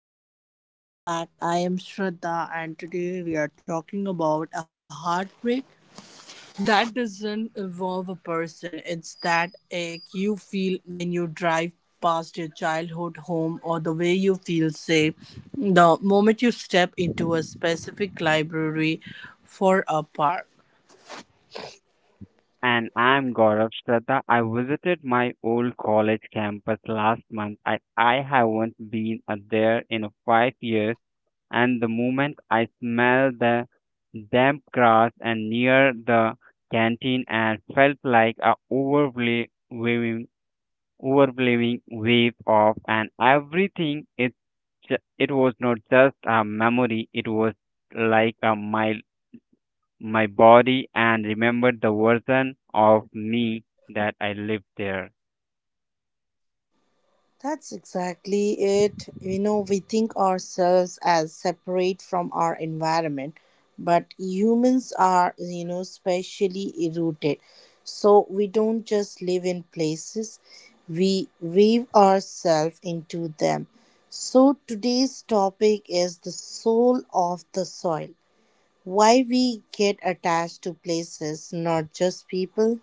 everyone, welcome back. I am Shraddha, and today we are talking about a heartbreak that doesn't involve a person. It's that ache you feel when you drive past your childhood home or the way you feel safe the moment you step into a specific library for a park. And I'm Gaurav, Shraddha. I visited my old college campus last month. I haven't been there in 5 years. And the moment I smell the damp grass and near the canteen and felt like a overwhelming wave of and everything. It was not just a memory. It was like a mile my body and remembered the version of me that I lived there. That's exactly it. We think ourselves as separate from our environment, but humans are, spatially rooted. So we don't just live in places, we weave ourselves into them. So today's topic is the soul of the soil. Why we get attached to places, not just people.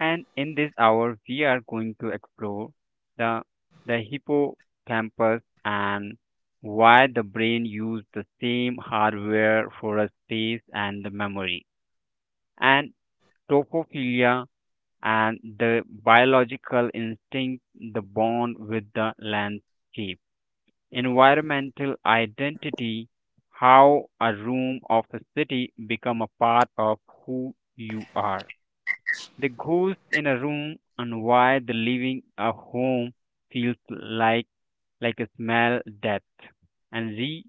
And in this hour, we are going to explore the, the hippocampus and why the brain used the same hardware for a space and the memory, and topophilia and the biological instinct, the bond with the landscape. Environmental identity, how a room of a city become a part of who you are. The ghost in a room and why the living a home feels like a smell death and re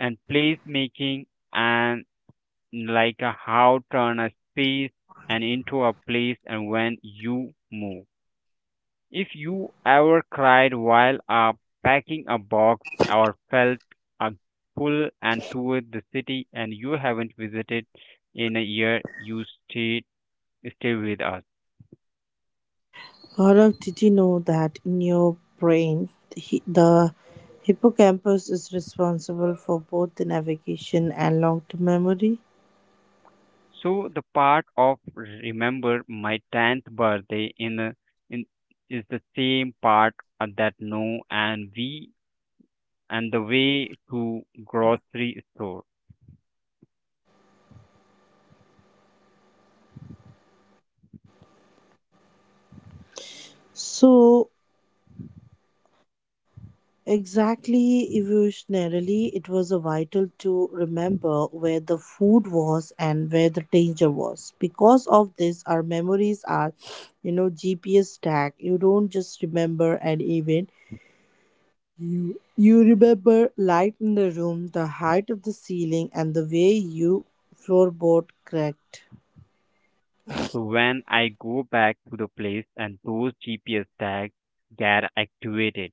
and place making and like a how turn a space and into a place and when you move. If you ever cried while packing a box or felt a pull and toured the city and you haven't visited in a year, you stay with us. Gaurav, did you know that in your brain, the hippocampus is responsible for both the navigation and long term memory? So the part of remember my 10th birthday in, a, in is the same part that no and we and the way to grocery store. So, exactly evolutionarily, it was a vital to remember where the food was and where the danger was. Because of this, our memories are, GPS tag. You don't just remember an event. You remember light in the room, the height of the ceiling, and the way you floorboard cracked. So when I go back to the place and those GPS tags get activated.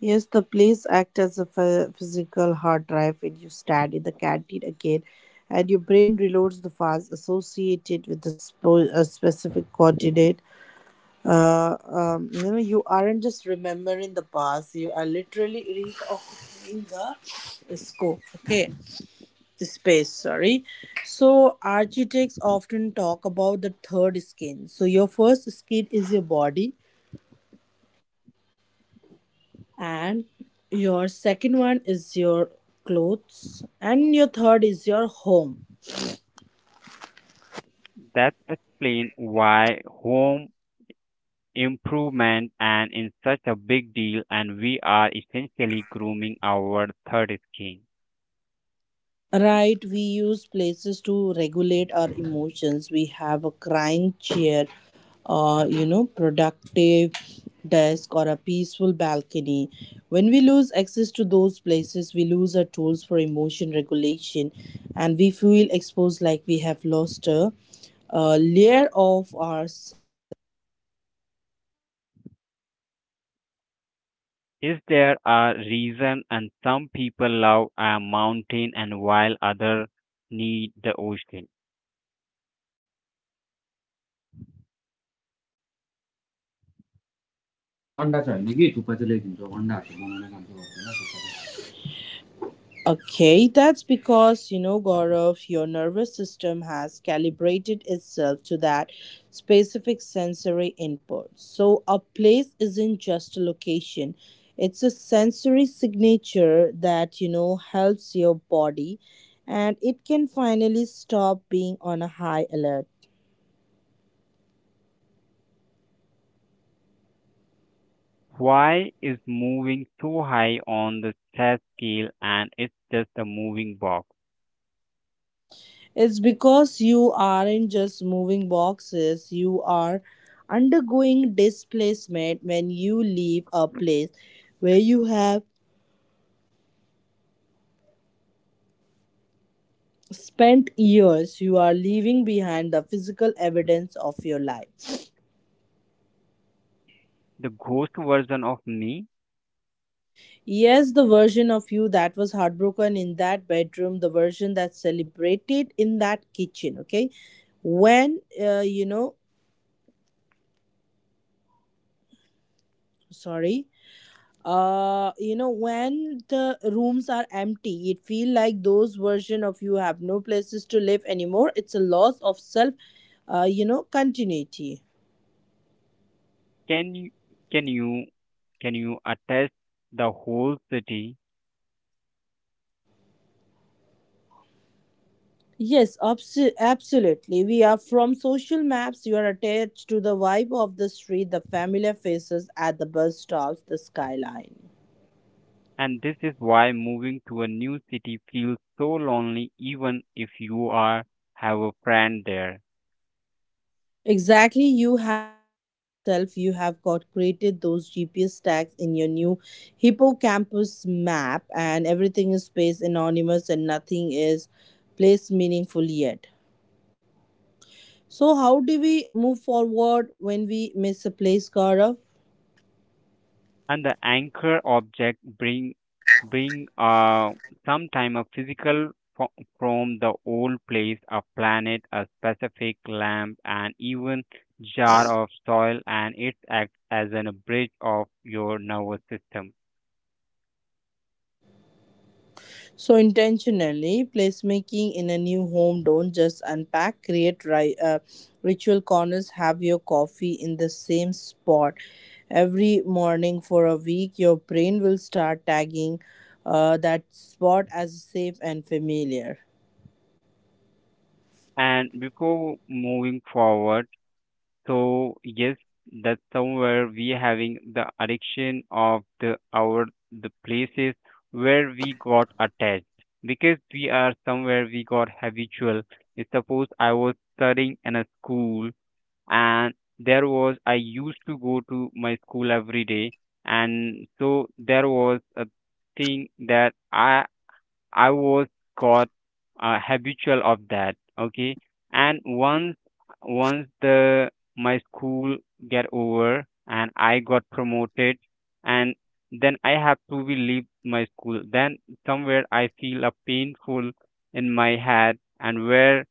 Yes, the place acts as a physical hard drive when you stand in the canteen again, and your brain reloads the files associated with the a specific coordinate. You aren't just remembering the past; you are literally reoccupying the scope. Okay, space, sorry. So architects often talk about the third skin. So your first skin is your body, and your second one is your clothes, and your third is your home. That explains why home improvement and is such a big deal, and we are essentially grooming our third skin. Right, we use places to regulate our emotions. We have a crying chair, productive desk, or a peaceful balcony. When we lose access to those places, we lose our tools for emotion regulation and we feel exposed like we have lost a layer of ourself. Is there a reason and some people love a mountain and while others need the ocean? Okay, that's because, Gaurav, your nervous system has calibrated itself to that specific sensory input. So, a place isn't just a location, it's a sensory signature that, helps your body and it can finally stop being on a high alert. Why is moving so high on the stress scale and it's just a moving box? It's because you aren't just moving boxes, you are undergoing displacement. When you leave a place where you have spent years, you are leaving behind the physical evidence of your life. The ghost version of me? Yes, the version of you that was heartbroken in that bedroom, the version that celebrated in that kitchen, okay? When, uh, you know, sorry. When the rooms are empty, it feel like those version of you have no places to live anymore. It's a loss of self, continuity. Can you can you can you attest the whole city? Yes, absolutely. We are from social maps. You are attached to the vibe of the street, the familiar faces at the bus stops, the skyline. And this is why moving to a new city feels so lonely even if you are have a friend there. Exactly. You haven't placed yourself. You have got created those GPS tags in your new hippocampus map, and everything is space anonymous and nothing is placed meaningful yet. So, how do we move forward when we miss a place, Gaurav? And the anchor object bring sometime a physical fo- from the old place, a planet, a specific lamp and even jar of soil, and it acts as an a bridge of your nervous system. So intentionally, placemaking in a new home, don't just unpack, create ritual corners. Have your coffee in the same spot every morning for a week. Your brain will start tagging that spot as safe and familiar. And before moving forward. So yes, that's somewhere we having the addiction of the places where we got attached, because we are somewhere we got habitual. Suppose I was studying in a school and there was I used to go to my school every day, and so there was a thing that I was got habitual of that. Okay, and once the my school get over and I got promoted, and then I have to be leave my school. Then somewhere I feel a painful in my head, and where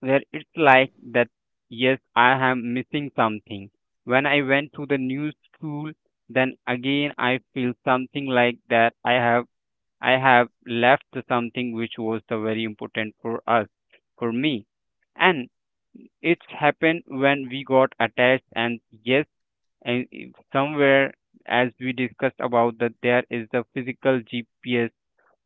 where it's like that. Yes, I am missing something. When I went to the new school, then again I feel something like that. I have left something which was the very important for us, for me. And it's happened when we got attached, and yes, and if somewhere, as we discussed about that, there is the physical GPS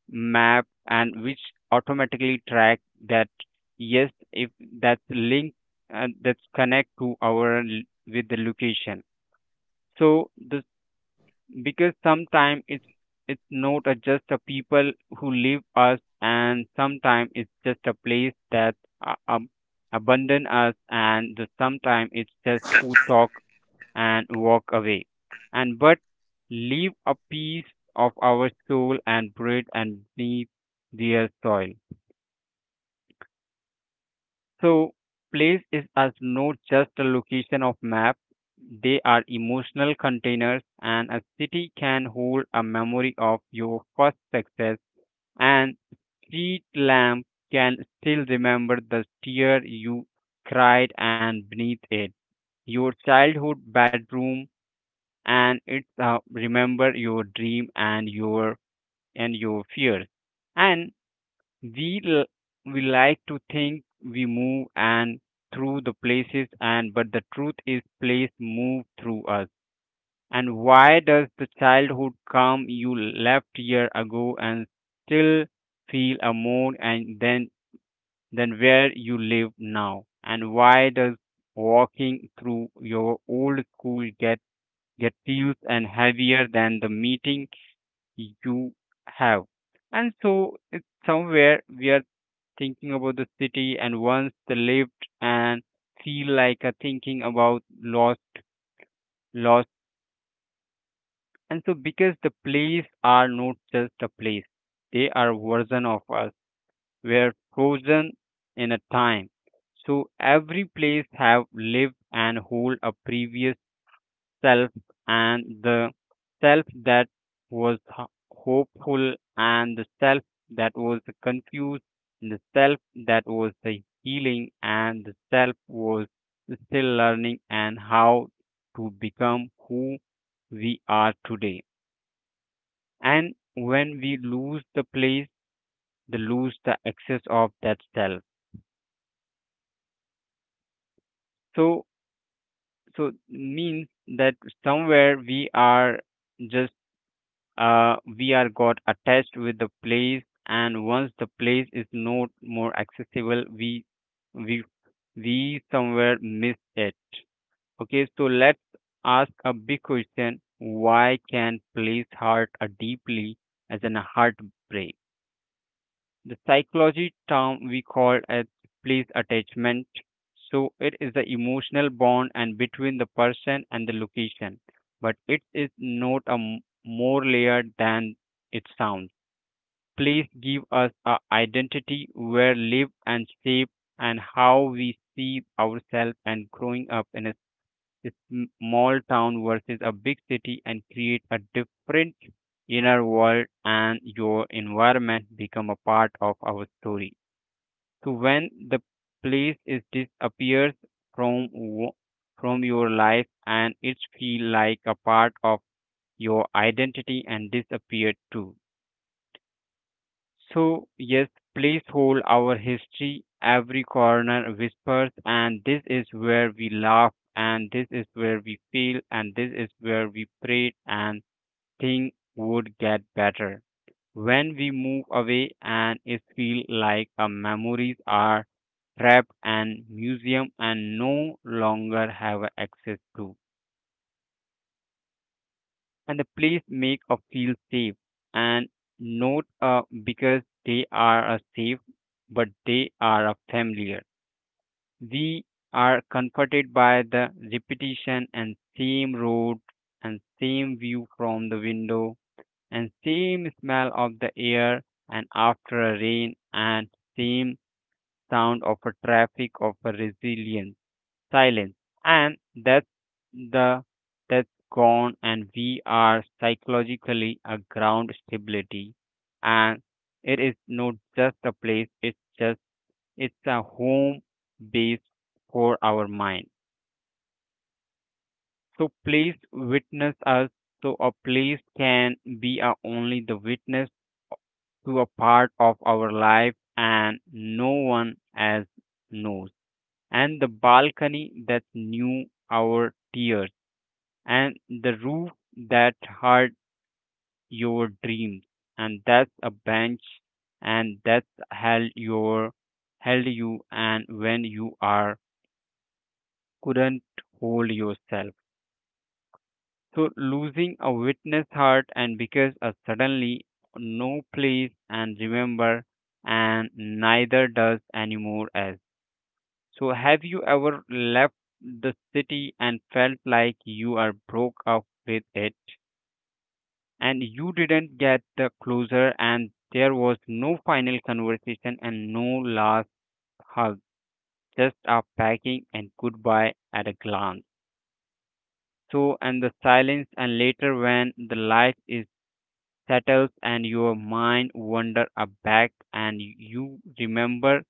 map and which automatically track that, yes, if that's link and that's connect to our with the location. So the, because sometimes it's not a just a people who leave us, and sometimes it's just a place that uh, um, abandon us, and the sometimes it's just who talk and walk away and but leave a piece of our soul and bread and beneath their soil. So place is as not just a location of map. They are emotional containers, and a city can hold a memory of your first success, and street lamp can still remember the tear you cried and beneath it. Your childhood bedroom and it's remember your dream and your fears. And we l- we like to think we move and through the places, and but the truth is place move through us. And why does the childhood come you left year ago and still feel a more and then than where you live now? And why does walking through your old school get feels and heavier than the meeting you have? And so it's somewhere where thinking about the city and once they lived and feel like a thinking about lost. And so because the place are not just a place, they are version of us. We're frozen in a time. So every place have lived and hold a previous self, and the self that was hopeful, and the self that was confused, and the self that was the healing, and the self was still learning and how to become who we are today. And when we lose the place, the lose the access of that self. So means that somewhere we are just we are got attached with the place, and once the place is not more accessible, we we somewhere miss it. Okay, so let's ask a big question: why can place hurt a deeply as an heartbreak? The psychology term we call as place attachment. So it is the emotional bond and between the person and the location, but it is not a more layered than it sounds. Place give us a identity where live and shape, and how we see ourselves, and growing up in a s- small town versus a big city and create a different inner world, and your environment become a part of our story. So when the place is disappears from from your life, and it feel like a part of your identity and disappeared too. So yes, place hold our history. Every corner whispers, and this is where we laugh, and this is where we feel, and this is where we prayed, and things would get better. When we move away, and it feel like our memories are trapped and museum and no longer have access to. And the place make a feel safe and not because they are a safe, but they are a familiar. We are comforted by the repetition and same road and same view from the window and same smell of the air and after a rain and same sound of a traffic of a resilience silence. And the that's gone, and we are psychologically a ground stability, and it is not just a place, it's a home base for our mind. So please witness us. So a place can be a only the witness to a part of our life and no one else knows. And the balcony that knew our tears, and the roof that hurt your dreams, and that's a bench and that held your held you and when you are couldn't hold yourself. So losing a witness heart, and because a suddenly no place and remember and neither does anymore. As so, have you ever left the city and felt like you are broke up with it, and you didn't get the closer, and there was no final conversation and no last hug, just a packing and goodbye at a glance. So, and the silence and later when the light is settles and your mind wander a back, and you remember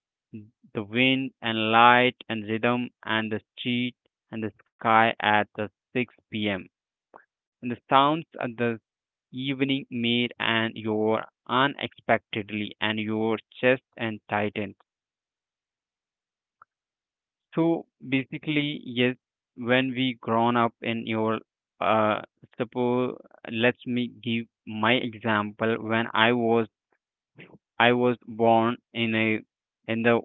the wind and light and rhythm and the street and the sky at the 6 p.m. and the sounds and the evening meal and your unexpectedly and your chest and tightened. So basically yes, when we grown up in your uh suppose let me give my example, when I was born in a in the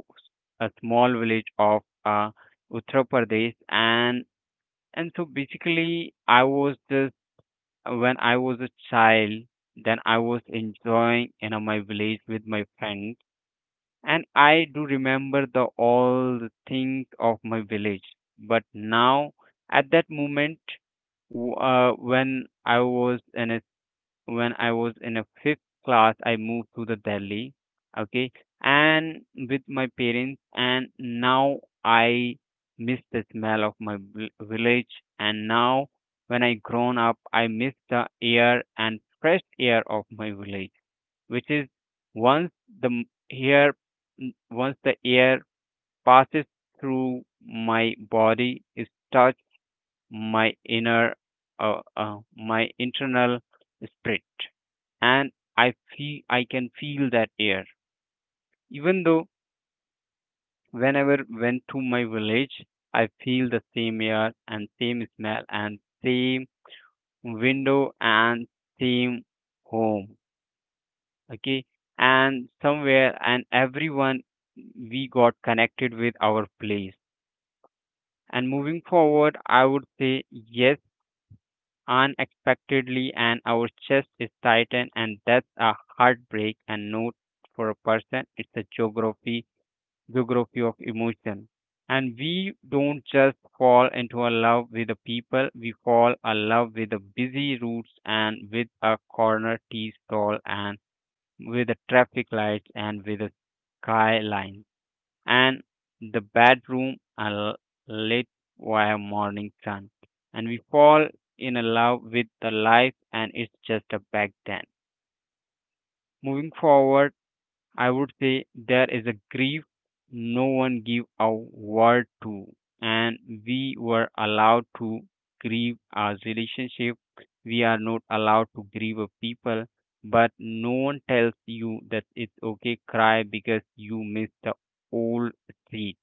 a small village of Uttar Pradesh, and so basically I was just. When I was a child, then I was enjoying in my village with my friends, and I do remember the all the things of my village. But now, at that moment, when I was in a when I was in a fifth class, I moved to the Delhi, okay, and with my parents, and now I miss the smell of my village, and now when I grown up, I miss the air and fresh air of my village, which is once the m- air, once the air passes through my body, it touch my inner, my internal spirit, and I can feel that air. Even though, whenever went to my village, I feel the same air and same smell and same window and same home. Okay, and somewhere and everyone we got connected with our place. And moving forward, I would say yes, unexpectedly, and our chest is tightened, and that's a heartbreak and note for a person. It's a geography of emotion. And we don't just fall into a love with the people, we fall in love with the busy routes and with a corner tea stall and with the traffic lights and with the skyline and the bedroom lit by a morning sun. And we fall in love with the life and it's just a back then. Moving forward, I would say there is a grief no one gave a word to, and we were allowed to grieve our relationship. We are not allowed to grieve a people, but no one tells you that it's okay cry because you miss the old street.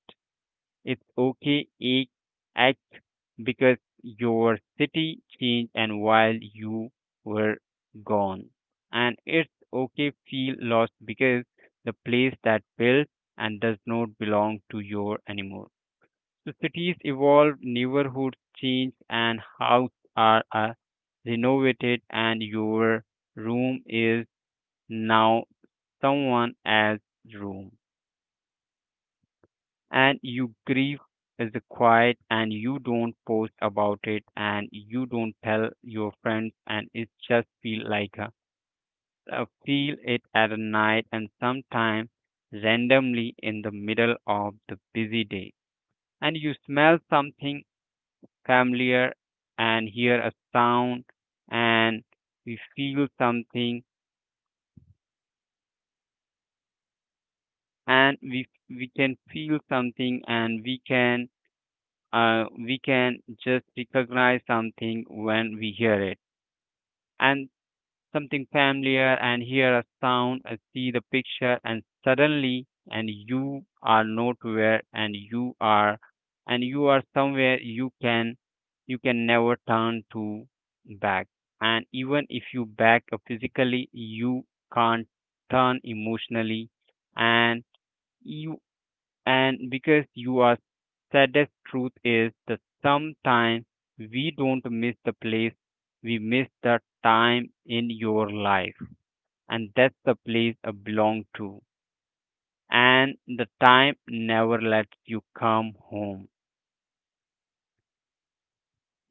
It's okay act because your city changed and while you were gone. And it's okay feel lost because the place that built and does not belong to you anymore. So cities evolve, neighborhoods change and houses are renovated and your room is now someone else's room. And you grieve is the quiet and you don't post about it and you don't tell your friends and it just feel like a feel it at a night and sometimes randomly in the middle of the busy day and you smell something familiar and hear a sound and we feel something and we can feel something and we can just recognize something when we hear it and something familiar and hear a sound and see the picture and suddenly and you are nowhere and you are somewhere you can never turn to back and even if you back up physically you can't turn emotionally and you and because you are saddest truth is that sometimes we don't miss the place we miss the time in your life. And that's the place I belong to, and the time never lets you come home.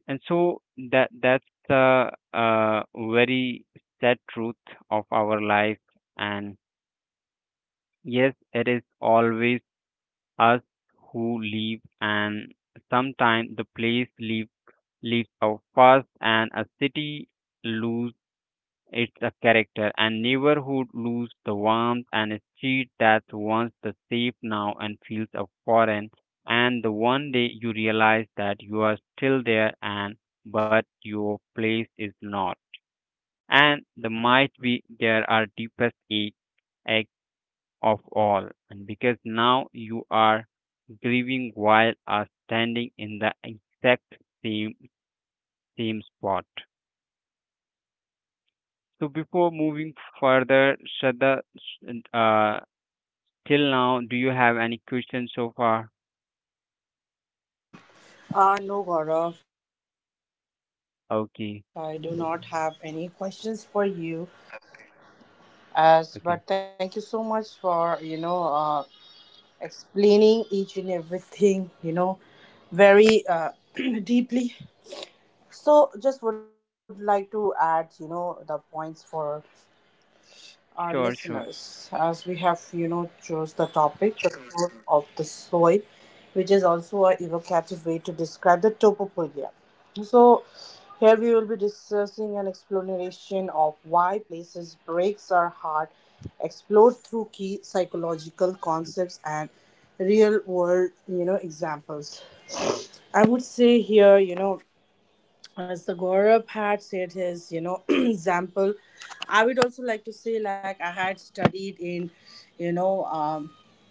And so that's the very sad truth of our life. And yes, it is always us who leave, and sometimes the place leaves leaks out fast and a city lose its character and neighborhood lose the warmth and a street that once the safe now and feels a foreign and the one day you realize that you are still there and but your place is not and the might be there are deepest ache, ache of all and because now you are grieving while are standing in the exact same same spot. So before moving further, Shraddha, uh, till now, do you have any questions so far? No, Gaurav, I do not Okay, have any questions for you. As but thank you so okay, much for explaining each and everything, very deeply. So, just would like to add, the points for our listeners, sure, as sure. we have, chose the topic, the soul of the soil, which is also a evocative way to describe the topophobia. So, here we will be discussing an exploration of why places breaks our heart, explored through key psychological concepts and real world, examples. I would say here, as the Gaurav had said his, example, I would also like to say, like I had studied in, you know, um,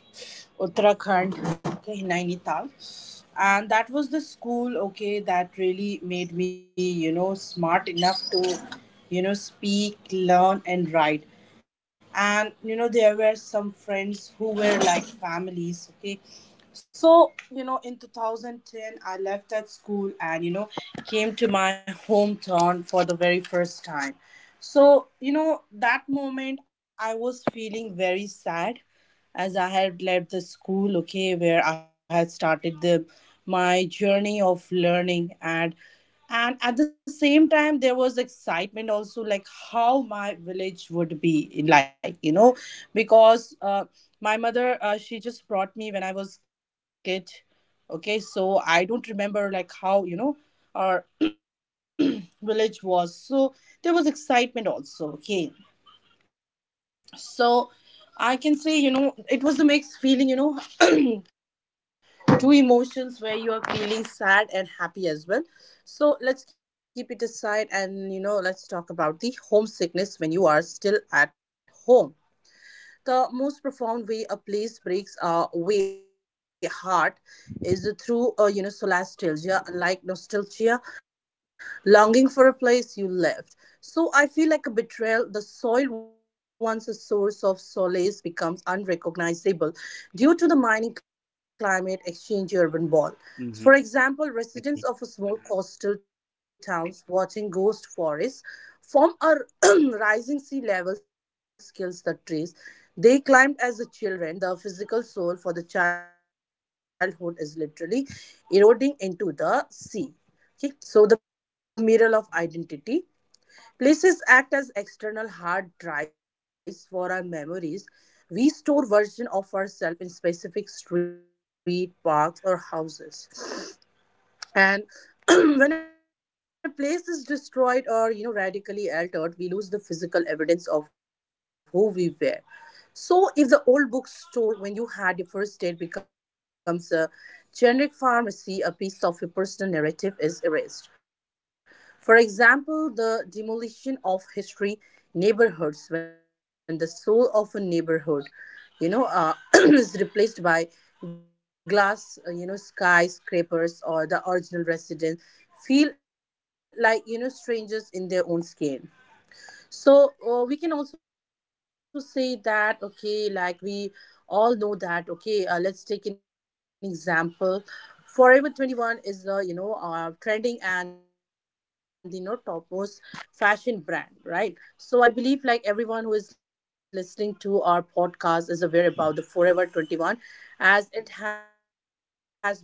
Uttarakhand, okay, in Nainital, and that was the school, okay, that really made me, smart enough to, speak, learn, and write. And there were some friends who were like families. Okay, so, in 2010, I left that school and, came to my hometown for the very first time. So, that moment I was feeling very sad, as I had left the school, okay, where I had started the my journey of learning, and at the same time there was excitement also, like how my village would be like, because my mother, she just brought me when I was kid, okay. So I don't remember like how, our village was, so there was excitement also, okay. So I can say, it was a mixed feeling, two emotions where you are feeling sad and happy as well. So let's keep it aside, and let's talk about the homesickness when you are still at home. The most profound way a place breaks our way heart is through a solastalgia, like nostalgia, longing for a place you left. So I feel like a betrayal. The soil, once a source of solace, becomes unrecognizable due to the mining climate exchange urban ball. Mm-hmm. For example, Okay. residents of a small coastal towns watching ghost forests from our rising sea levels kills the trees. They climbed as a children. The physical soul for the childhood is literally eroding into the sea. Okay, so the mirror of identity. Places act as external hard drives for our memories. We store version of ourselves in specific street, parks, or houses, and when a place is destroyed or radically altered, we lose the physical evidence of who we were. So, if the old bookstore when you had your first date becomes a generic pharmacy, a piece of your personal narrative is erased. For example, the demolition of history neighborhoods, when the soul of a neighborhood, is replaced by glass, skyscrapers, or the original residents feel like, strangers in their own skin. So we can also say that, okay, like we all know that, okay, let's take an example. Forever 21 is the trending and topmost fashion brand, right? So I believe like everyone who is listening to our podcast is aware about the Forever 21, as it has been shut.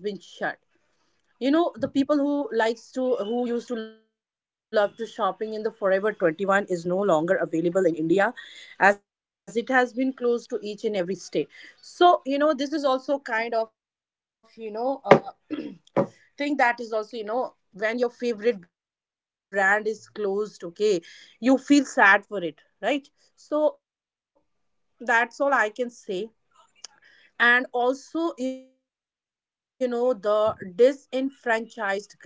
The people who likes to who used to love to shopping in the Forever 21 is no longer available in India, as it has been closed to each and every state. So this is also kind of, thing, that is also, when your favorite brand is closed, okay, you feel sad for it, right? So that's all I can say. And also, the disenfranchised grief.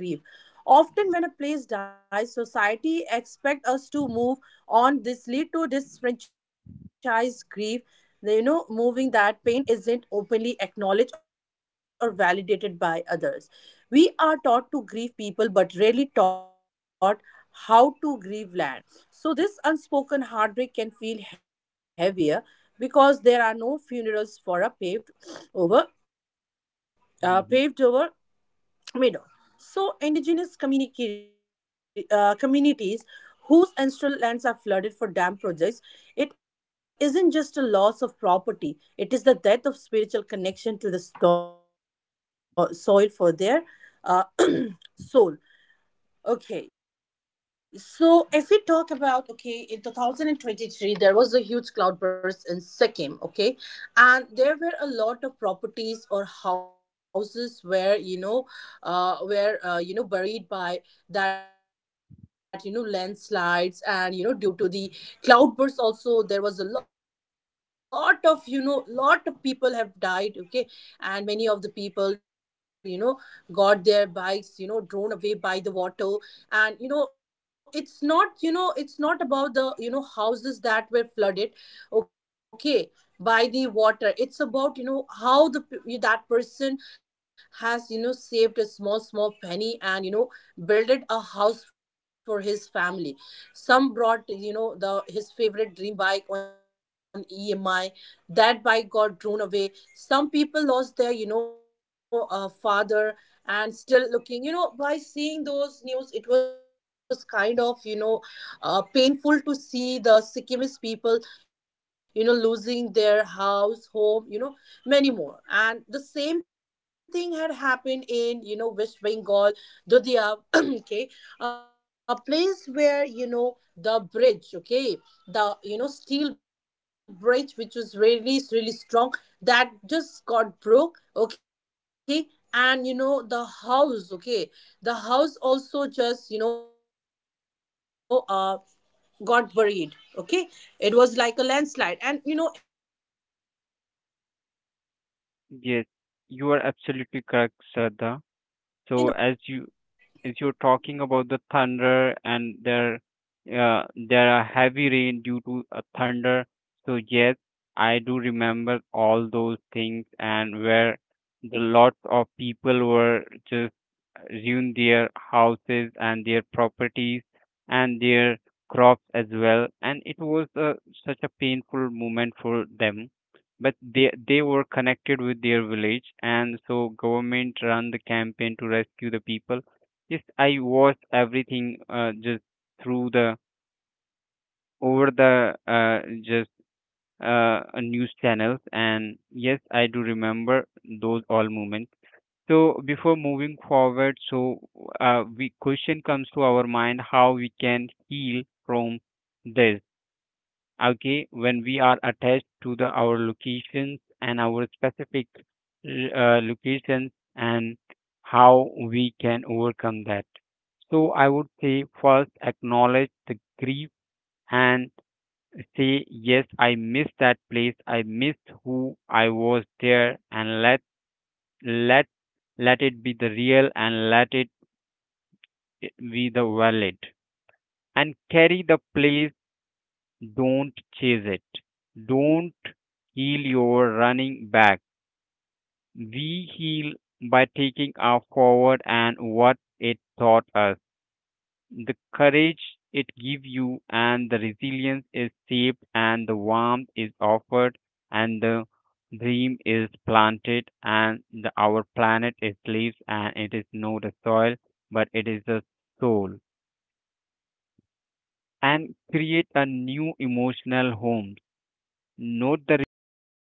Often, when a place dies, society expect us to move on. This lead to disfranchised grief. Moving that pain isn't openly acknowledged or validated by others. We are taught to grieve people, but rarely taught how to grieve land. So this unspoken heartbreak can feel heavier because there are no funerals for a over Mm-hmm. paved over made of. So, indigenous communities whose ancestral lands are flooded for dam projects, it isn't just a loss of property, it is the death of spiritual connection to the soil for their uh, soul. Okay, so if we talk about, okay, in 2023 there was a huge cloud burst in Sikkim, okay, and there were a lot of properties or houses where, were buried by that, landslides, and due to the cloud burst also there was a lot of, lot of people have died, okay. And many of the people, got their bikes, drawn away by the water. And it's not about the, houses that were flooded, okay, by the water. It's about, how the that person has, saved a small small penny, and builded a house for his family. Some brought, the his favorite dream bike on EMI. That bike got drawn away. Some people lost their, father, and still looking, by seeing those news, it was kind of, painful to see the Sikkimese people, losing their house, home, many more. And the same thing had happened in, West Bengal, Dudia, okay, a place where, the bridge, okay, the, steel bridge, which was really, really strong, that just got broke, okay, and, the house, okay, the house also just, got buried, okay. It was like a landslide, and in Dudia also there a lot of people, a lot a Yes, lot of people you are lost their absolutely lives, correct, okay, and Shraddha. So as you is you're talking about the thunder and there uh, there are heavy rain due to a thunder. So yes, I do remember all those things and where the lots of people were just ruined their houses and their properties and their crops as well. And it was a such a painful moment for them. But they were connected with their village, and so government ran the campaign to rescue the people. Yes, I watch everything just through the over the just and the news channels, government had and ran the yes, I campaign do as well remember for those them. all And moments. So before a moving lot of, forward, the so support we was, question comes to given to our the mind how Sikkimese we can people, heal okay, from for this, this. And we can say that, okay, when it we are was, attached to the a our soul locations connection, and okay, our it was specific the soul, okay, locations soil, and where they have how we grown up, can and overcome that. So I would say got first their childhood acknowledge the memories, grief everything was and there in, say home, yes I okay. miss And that place, even I a missed lot of who I places was were, there, destroyed and due let to the landslides, let where people let lost it be their the lives. real Some and let it lost their, you know new be the you know valid new and building which carry they the have place. created, like lot Don't of things chase had it, happened, okay. don't So heal it was your like, running back. What we can say that, We heal by the taking our connection forward they and have what lost. So it I would taught also us. say to our The audience courage it that, gives okay, you thank you and the so much resilience for is saved listening to our and the warmth podcast. is I offered really and the appreciate that, dream is okay, planted and and kindly our please planet remember, is the leaves most and it is important not the place soil is where you but it are is the standing right soul, now. Thank you for listening. Have a and good day. create a Thank you new so much, emotional guys. home. Have a great day. Note the replacements